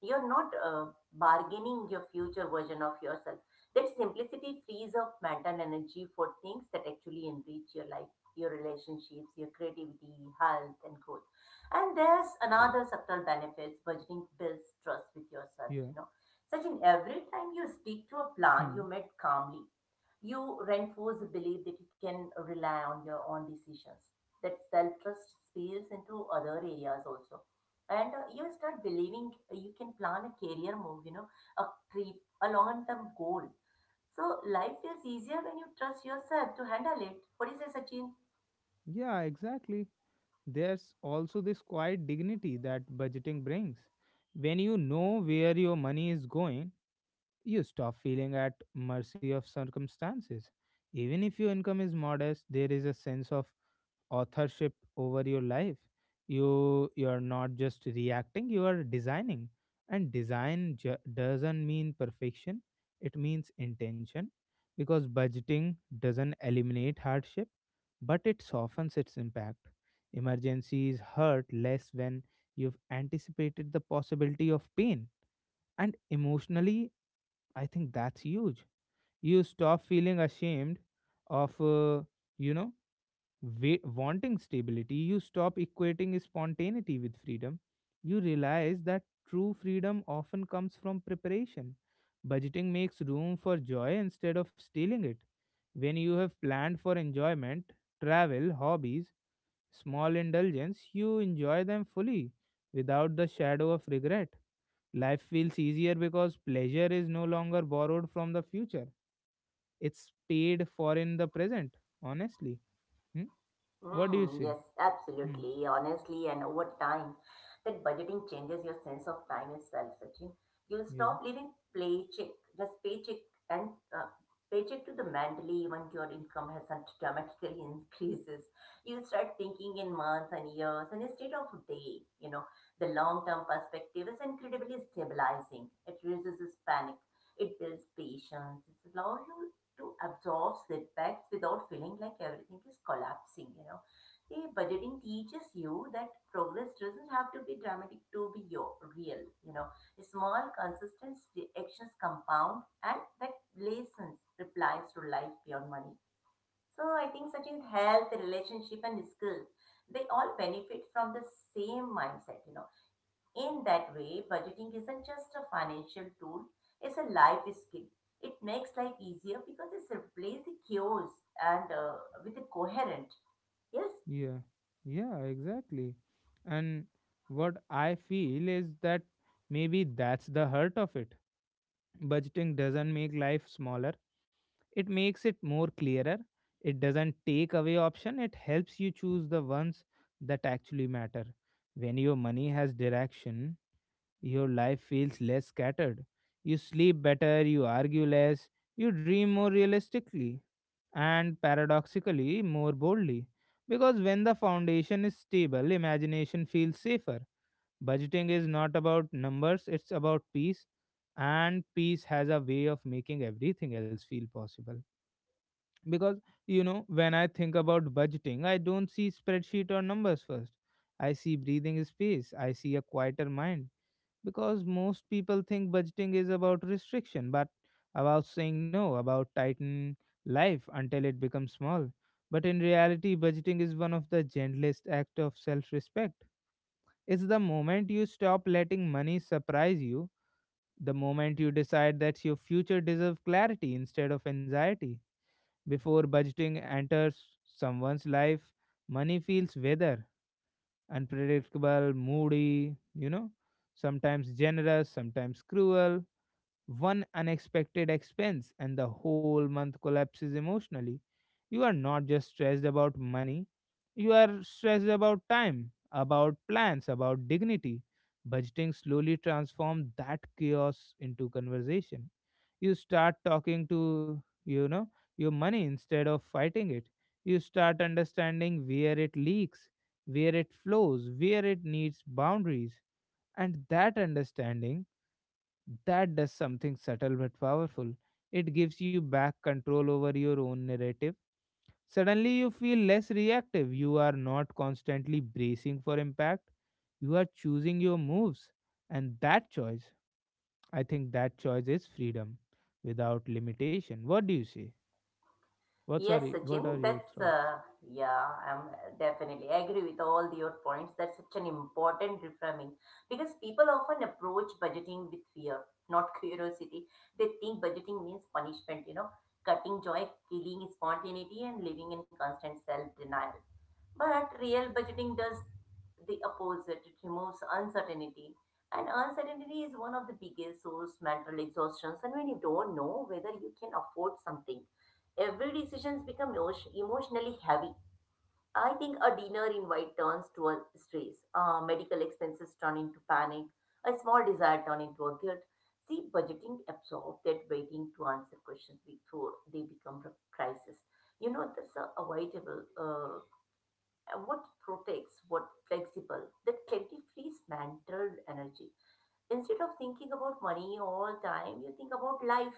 You're not bargaining your future version of yourself. That simplicity frees up mental energy for things that actually enrich your life, your relationships, your creativity, health, and growth. And there's another subtle benefits budgeting builds trust with yourself,
Yeah.
you know. Such in every time you speak to a plan you
Hmm.
met calmly, you reinforce the belief that you can rely on your own decisions. That self trust spills into other areas also, and you start believing, you can plan a career move, you know, a trip, a long term goal. So life feels easier when you trust yourself to handle it. What do you say, Sachin?
Yeah, exactly. There's also this quiet dignity that budgeting brings. When you know where your money is going, you stop feeling at mercy of circumstances. Even if your income is modest, there is a sense of authorship over your life. You you're not just reacting, you are designing. And doesn't mean perfection, it means intention, because budgeting doesn't eliminate hardship, but it softens its impact. Emergencies hurt less when you've anticipated the possibility of pain. And emotionally, I think that's huge. You stop feeling ashamed of, you know, wanting stability. You stop equating spontaneity with freedom. You realize that true freedom often comes from preparation. Budgeting makes room for joy instead of stealing it. When you have planned for enjoyment, travel, hobbies, small indulgence, you enjoy them fully without the shadow of regret. Life feels easier because pleasure is no longer borrowed from the future. It's paid for in the present, honestly. Hmm? What do you
Mm,
say?
yes,
Hmm.
absolutely. Honestly, and over time, that budgeting changes your sense of time itself, Sachin. You'll
Yeah,
stop living paycheck, just paycheck and uh, paycheck to the mentally when your income hasn't dramatically increases. You'll start thinking in months and years and instead of day, you know, the long-term perspective is incredibly stabilizing. It reduces panic. It builds patience. It allows you to absorb setbacks without feeling like everything is collapsing, you know. The budgeting teaches you that progress doesn't have to be dramatic to be your real, you know, small consistent actions compound and that lessons replies to life beyond money. So I think such in health relationship and skill, they all benefit from the same mindset, you know. In that way, budgeting isn't just a financial tool, it's a life skill. It makes life easier because it replaces the chaos and with a coherent. Yes,
yeah, yeah, exactly. And what I feel is that maybe that's the hurt of it. Budgeting doesn't make life smaller, it makes it more clearer. It doesn't take away option, it helps you choose the ones that actually matter. When your money has direction, your life feels less scattered. You sleep better, you argue less, you dream more realistically, and paradoxically more boldly. Because when the foundation is stable, imagination feels safer. Budgeting is not about numbers, it's about peace, and peace has a way of making everything else feel possible. Because, you know, when I think about budgeting, I don't see spreadsheet or numbers first. I see breathing space, I see a quieter mind, because most people think budgeting is about restriction, but about saying no, about tightening life until it becomes small. But in reality, budgeting is one of the gentlest acts of self respect. It's the moment you stop letting money surprise you, the moment you decide that your future deserves clarity instead of anxiety. Before budgeting enters someone's life, money feels weather, unpredictable, moody, you know, sometimes generous, sometimes cruel. One unexpected expense and the whole month collapses emotionally. You are not just stressed about money, you are stressed about time, about plans, about dignity. Budgeting slowly transforms that chaos into conversation. You start talking to, you know, your money instead of fighting it. You start understanding where it leaks, where it flows, where it needs boundaries. And that understanding, that does something subtle but powerful. It gives you back control over your own narrative. Suddenly, you feel less reactive. You are not constantly bracing for impact. You are choosing your moves. And that choice, I think that choice is freedom without limitation. What do you say?
yes,
What are
Sachin,
your thoughts?
yeah, I'm definitely agree with all your points. That's such an important reframing because people often approach budgeting with fear, not curiosity. They think budgeting means punishment, you know, cutting joy, killing spontaneity, and living in constant self denial. But real budgeting does the opposite. It removes uncertainty. And uncertainty is one of the biggest source mental exhaustions. And when you don't know whether you can afford something, every decision becomes emotionally heavy. I think a dinner invite turns to a stress. Medical expenses turn into panic. A small desire turn into a guilt. See, budgeting absorbs that waiting to answer questions before they become a crisis. You know, that's a avoidable and what protects, what flexible, that can be free mantle energy. Instead of thinking about money all time, you think about life.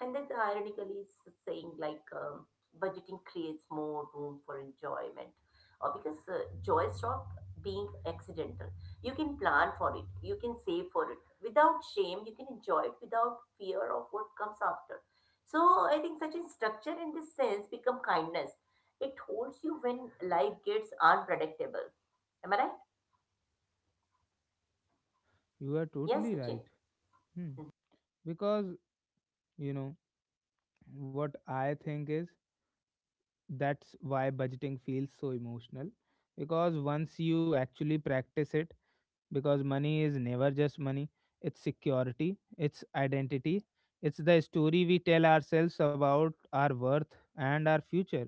And that's ironically is saying like budgeting creates more room for enjoyment or because joy stop being accidental. You can plan for it. You can save for it without shame. You can enjoy it without fear of what comes after. So I think such a structure in this sense become kindness. It holds you when life gets unpredictable. Am I right?
You are
Yes,
totally
Sachin.
right. Hmm. Because, you know, what I think is that's why budgeting feels so emotional, because once you actually practice it, because money is never just money, it's security, it's identity, it's the story we tell ourselves about our worth and our future.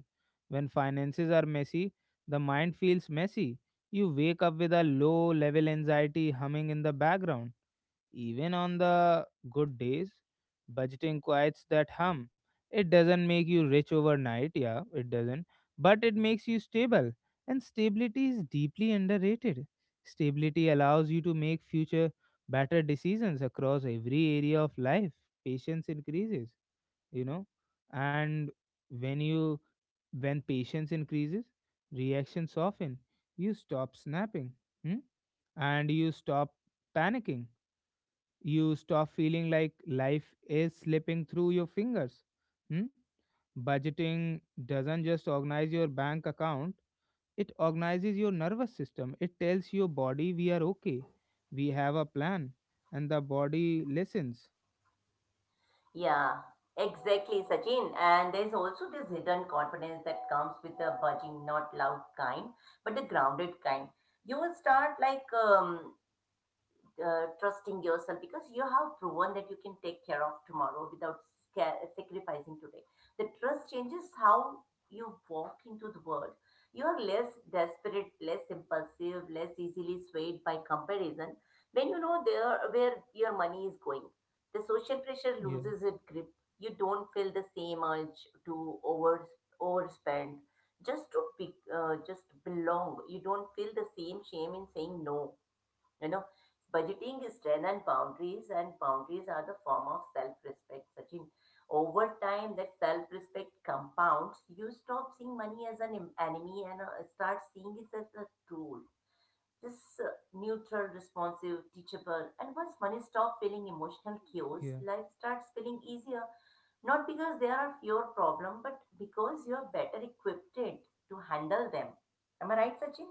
When finances are messy, the mind feels messy. You wake up with a low level anxiety humming in the background, even on the good days. Budgeting quiets that hum. It doesn't make you rich overnight, yeah, it doesn't, but it makes you stable. And stability is deeply underrated. Stability allows you to make future better decisions across every area of life. Patience increases, you know, and when you when patience increases, reactions soften. You stop snapping. Hmm? And you stop panicking, you stop feeling like life is slipping through your fingers. Hmm? Budgeting doesn't just organize your bank account, it organizes your nervous system. It tells your body we are okay, we have a plan, and the body listens.
Yeah, exactly, Sachin. And there's also this hidden confidence that comes with the budging, not loud kind, but the grounded kind. You will start trusting yourself because you have proven that you can take care of tomorrow without sacrificing today. The trust changes how you walk into the world. You are less desperate, less impulsive, less easily swayed by comparison when you know there where your money is going. The social pressure
Yeah,
loses its grip. You don't feel the same urge to overspend just to be, just belong. You don't feel the same shame in saying no you know, budgeting is strength boundaries, and boundaries are the form of self-respect, Sachin. Over time, that self-respect compounds. You stop seeing money as an enemy and start seeing it as a tool. Just neutral, responsive, teachable. And once money stops feeling emotional cues,
yeah,
life starts feeling easier. Not because there are fewer problems, but because you are better equipped to handle them. Am I right, Sachin?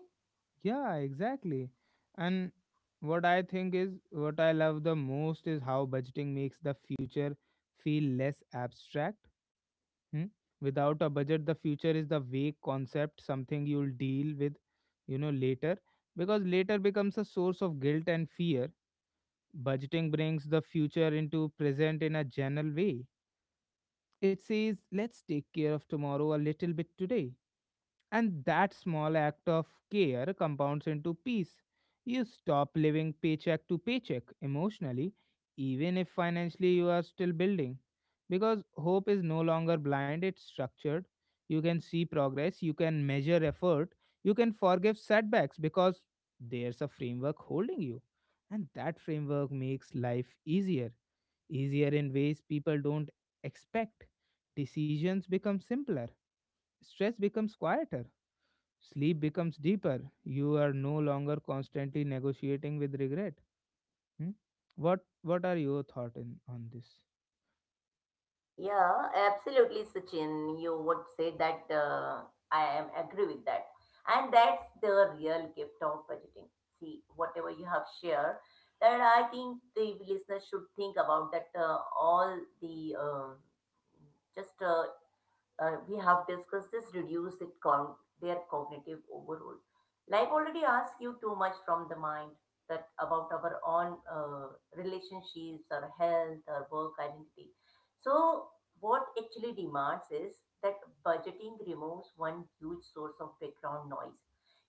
yeah, exactly. And what I think is what I love the most is how budgeting makes the future feel less abstract. Hmm? Without a budget, the future is the vague concept, something you'll deal with, you know, later, because later becomes a source of guilt and fear. Budgeting brings the future into present in a general way. It says, let's take care of tomorrow a little bit today. And that small act of care compounds into peace. You stop living paycheck to paycheck emotionally, even if financially you are still building. Because hope is no longer blind, it's structured. You can see progress, you can measure effort, you can forgive setbacks because there's a framework holding you. And that framework makes life easier, easier in ways people don't expect. Decisions become simpler, stress becomes quieter, sleep becomes deeper. You are no longer constantly negotiating with regret. Hmm? What are your thoughts in on this?
Yeah, absolutely, Sachin. You would say that I am agree with that, and that's the real gift of budgeting. See, whatever you have shared, that I think the listeners should think about that all the just we have discussed this reduce it their cognitive overload. Life already asks you too much from the mind that about our own relationships, our health, our work identity. So what actually demands is that budgeting removes one huge source of background noise.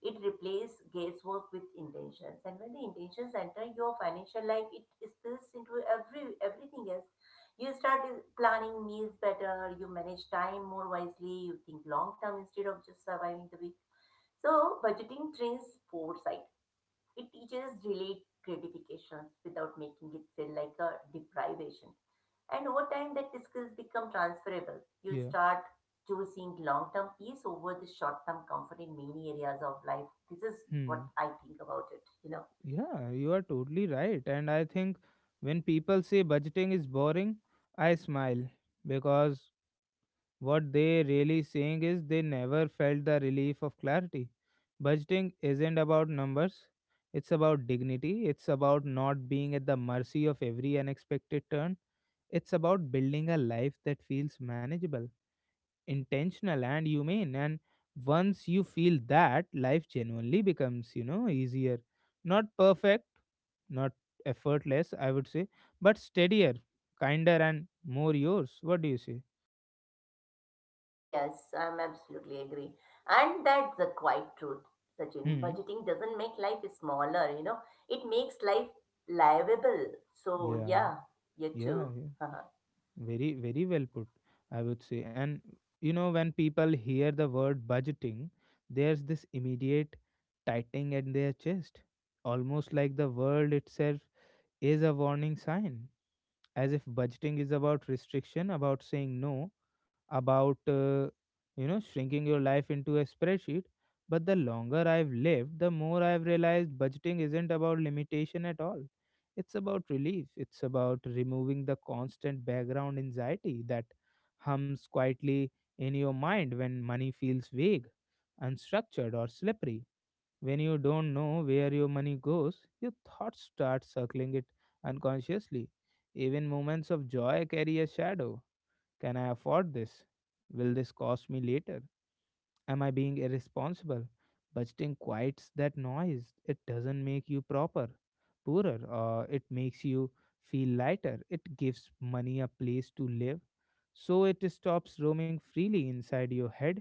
It replaces guesswork with intentions, and when the intentions enter your financial life, it spills into everything else you start planning meals better, you manage time more wisely, you think long term instead of just surviving the week. So, budgeting trains foresight. It teaches delayed gratifications without making it feel like a deprivation. And over time, that skills become transferable. You
Yeah.
start choosing long term peace over the short term comfort in many areas of life. This is
Hmm.
what I think about it.
Yeah, you are totally right. And I think when people say budgeting is boring, I smile because what they really saying is they never felt the relief of clarity. Budgeting isn't about numbers. It's about dignity. It's about not being at the mercy of every unexpected turn. It's about building a life that feels manageable, intentional, and humane. And once you feel that, life genuinely becomes, you know, easier. Not perfect, not effortless, I would say, but steadier, kinder, and more yours. What do you say?
Yes, I'm absolutely agree. And that's the quiet truth, Sachin.
Hmm.
Budgeting doesn't make life smaller. It makes life livable. So
Yeah.
yeah, you
Yeah.
too.
Yeah. Very, very well put, I would say. And, you know, when people hear the word budgeting, there's this immediate tightening at their chest, almost like the world itself is a warning sign, as if budgeting is about restriction, about saying no, about, you know, shrinking your life into a spreadsheet. But the longer I've lived, the more I've realized budgeting isn't about limitation at all. It's about relief, it's about removing the constant background anxiety that hums quietly in your mind when money feels vague, unstructured, or slippery. When you don't know where your money goes, your thoughts start circling it unconsciously. Even moments of joy carry a shadow. Can I afford this? Will this cost me later? Am I being irresponsible? Budgeting quiets that noise. It doesn't make you proper, poorer, or it makes you feel lighter. It gives money a place to live so it stops roaming freely inside your head.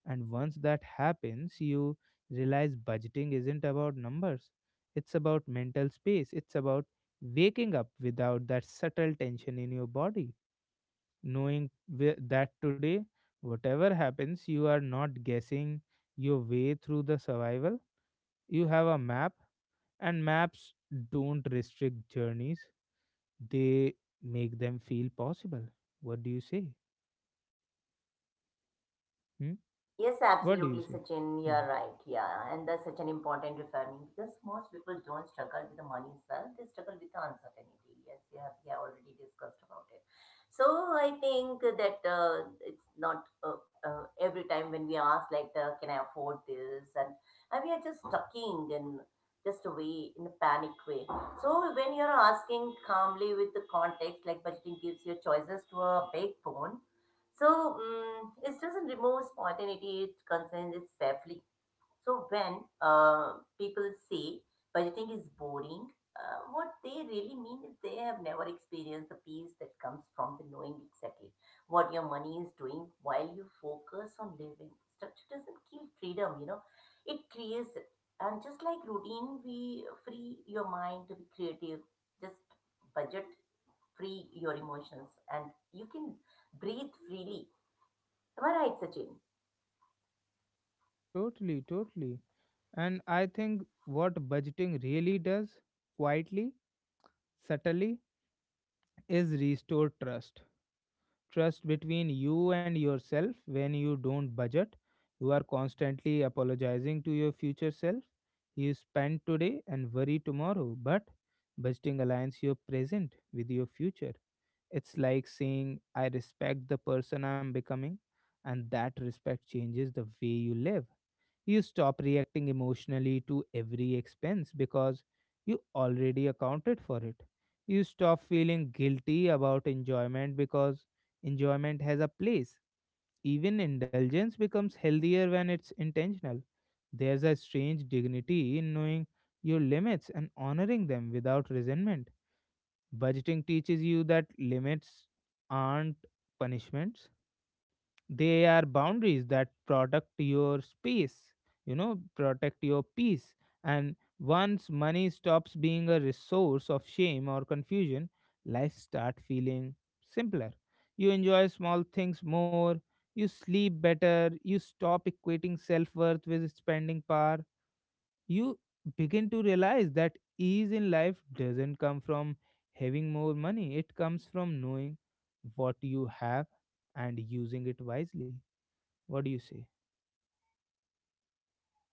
And once that happens, you realize budgeting isn't about numbers, it's about mental space, it's about waking up without that subtle tension in your body, knowing that today, whatever happens, you are not guessing your way through the survival. You have a map, and maps don't restrict journeys, they make them feel possible. What do you say? Hmm.
Yes,
What do you
absolutely,
say?
Sachin. You're
Hmm.
right. Yeah, and that's such an important reframing because most people don't struggle with the money itself; they struggle with the uncertainty. Yes, you have, we have already discussed about it. So I think that it's not every time when we ask like, "Can I afford this?" And we are just stuck in just a way in a panic way. So when you're asking calmly with the context, like budgeting gives your choices to a big bone so it doesn't remove spontaneity, it concerns it safely. So when people say budgeting is boring, what they really mean is they have never experienced the peace that comes from the knowing exactly what your money is doing while you focus on living. Structure doesn't kill freedom, it creates it. And just like routine, we free your mind to be creative, just budget free your emotions, and you can breathe freely you are right, Sachin.
Totally, totally. And I think what budgeting really does, quietly, subtly, is restore trust. Trust between you and yourself. When you don't budget, you are constantly apologizing to your future self. You spend today and worry tomorrow, but budgeting aligns your present with your future. It's like saying, I respect the person I'm becoming, and that respect changes the way you live. You stop reacting emotionally to every expense because you already accounted for it. You stop feeling guilty about enjoyment because enjoyment has a place. Even indulgence becomes healthier when it's intentional. There's a strange dignity in knowing your limits and honoring them without resentment. Budgeting teaches you that limits aren't punishments, they are boundaries that protect your space, you know, protect your peace. And once money stops being a resource of shame or confusion, life start feeling simpler. You enjoy small things more, you sleep better, you stop equating self-worth with spending power. You begin to realize that ease in life doesn't come from having more money, it comes from knowing what you have and using it wisely. What do you say?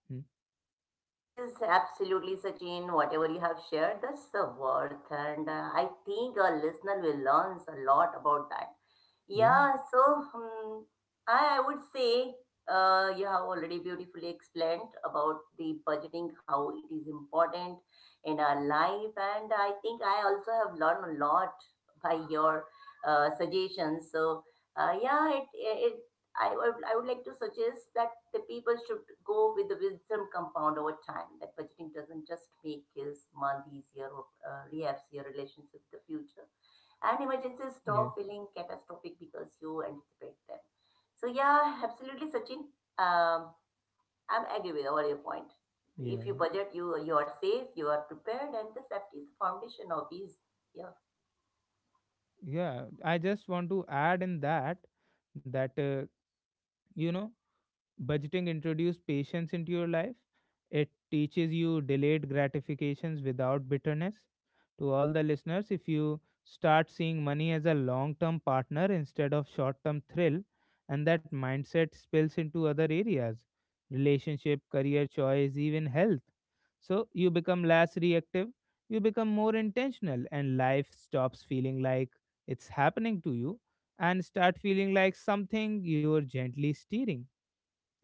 Hmm?
It is absolutely, Sachin, whatever you have shared, that's the worth. And I think our listener will learn a lot about that.
Yeah,
Yeah, so I would say you have already beautifully explained about the budgeting, how it is important in our life. And I think I also have learned a lot by your suggestions. So, yeah, I would like to suggest that the people should go with the wisdom compound over time. That budgeting doesn't just make his month easier or rehab your relationship with the future. And emergencies
yeah,
stop feeling catastrophic because you anticipate them. So yeah, absolutely, Sachin. Um, I'm agree with all your point. If you
yeah,
budget, you are safe, you are prepared, and the safety is the foundation of ease. Yeah,
yeah. I just want to add in that that you know, budgeting introduces patience into your life. It teaches you delayed gratifications without bitterness. To all the listeners, if you start seeing money as a long term partner instead of short term thrill, and that mindset spills into other areas, relationship, career choice, even health, so you become less reactive, you become more intentional, and life stops feeling like it's happening to you and start feeling like something you're gently steering.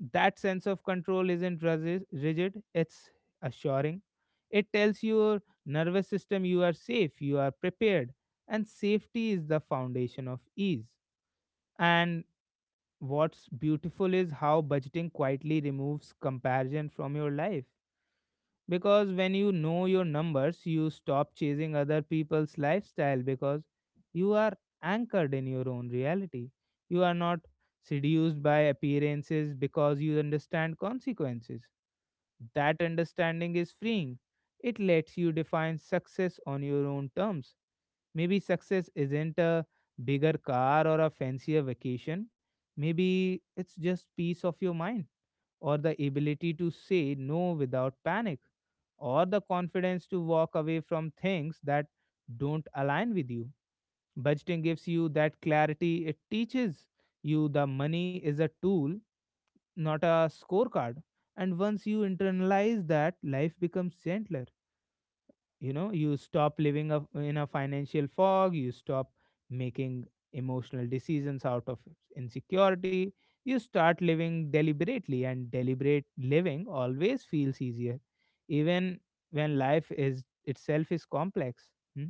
That sense of control isn't rigid, it's assuring. It tells your nervous system you are safe, you are prepared, and safety is the foundation of ease. And what's beautiful is how budgeting quietly removes comparison from your life, because when you know your numbers, you stop chasing other people's lifestyle, because you are anchored in your own reality. You are not seduced by appearances because you understand consequences. That understanding is freeing, it lets you define success on your own terms. Maybe success isn't a bigger car or a fancier vacation, maybe it's just peace of your mind, or the ability to say no without panic, or the confidence to walk away from things that don't align with you. Budgeting gives you that clarity. It teaches you the money is a tool, not a scorecard. And once you internalize that, life becomes gentler. You know, you stop living a, in a financial fog. You stop making emotional decisions out of insecurity, you start living deliberately, and deliberate living always feels easier, even when life is itself is complex. Hmm?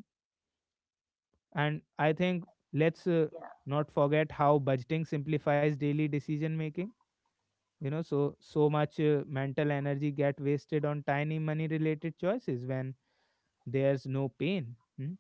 And I
yeah,
think, let's not forget how budgeting simplifies daily decision making. You know, so
yeah.
much mental energy get wasted on tiny money related choices when there's no pain. Hmm?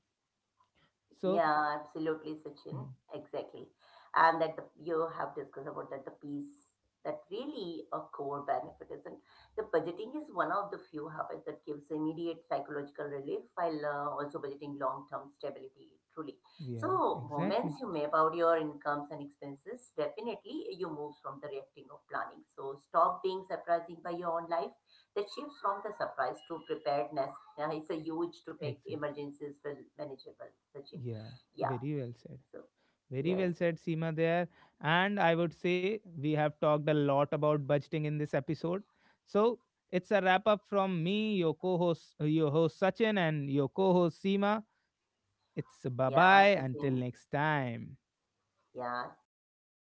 So,
Yeah, absolutely, Sachin.
mm,
Exactly. And that the, you have discussed about that the piece that really a core benefit isn't. The budgeting is one of the few habits that gives immediate psychological relief while also budgeting long-term stability, truly.
yeah,
So moments
exactly,
you map out your incomes and expenses, definitely you move from the reacting of planning. So stop being surprising by your own life. That shifts from the surprise to preparedness. Yeah, it's a huge to make
exactly.
emergencies feel manageable, Sachin.
Yeah,
Yeah.
very well said.
So
Very
yes,
well
yes.
said, Seema, there. And I would say we have talked a lot about budgeting in this episode. So, it's a wrap up from me, your co host, your host Sachin, and your co host Seema. It's bye
Yeah,
bye until
Sachin.
next time.
Yeah. And thank you so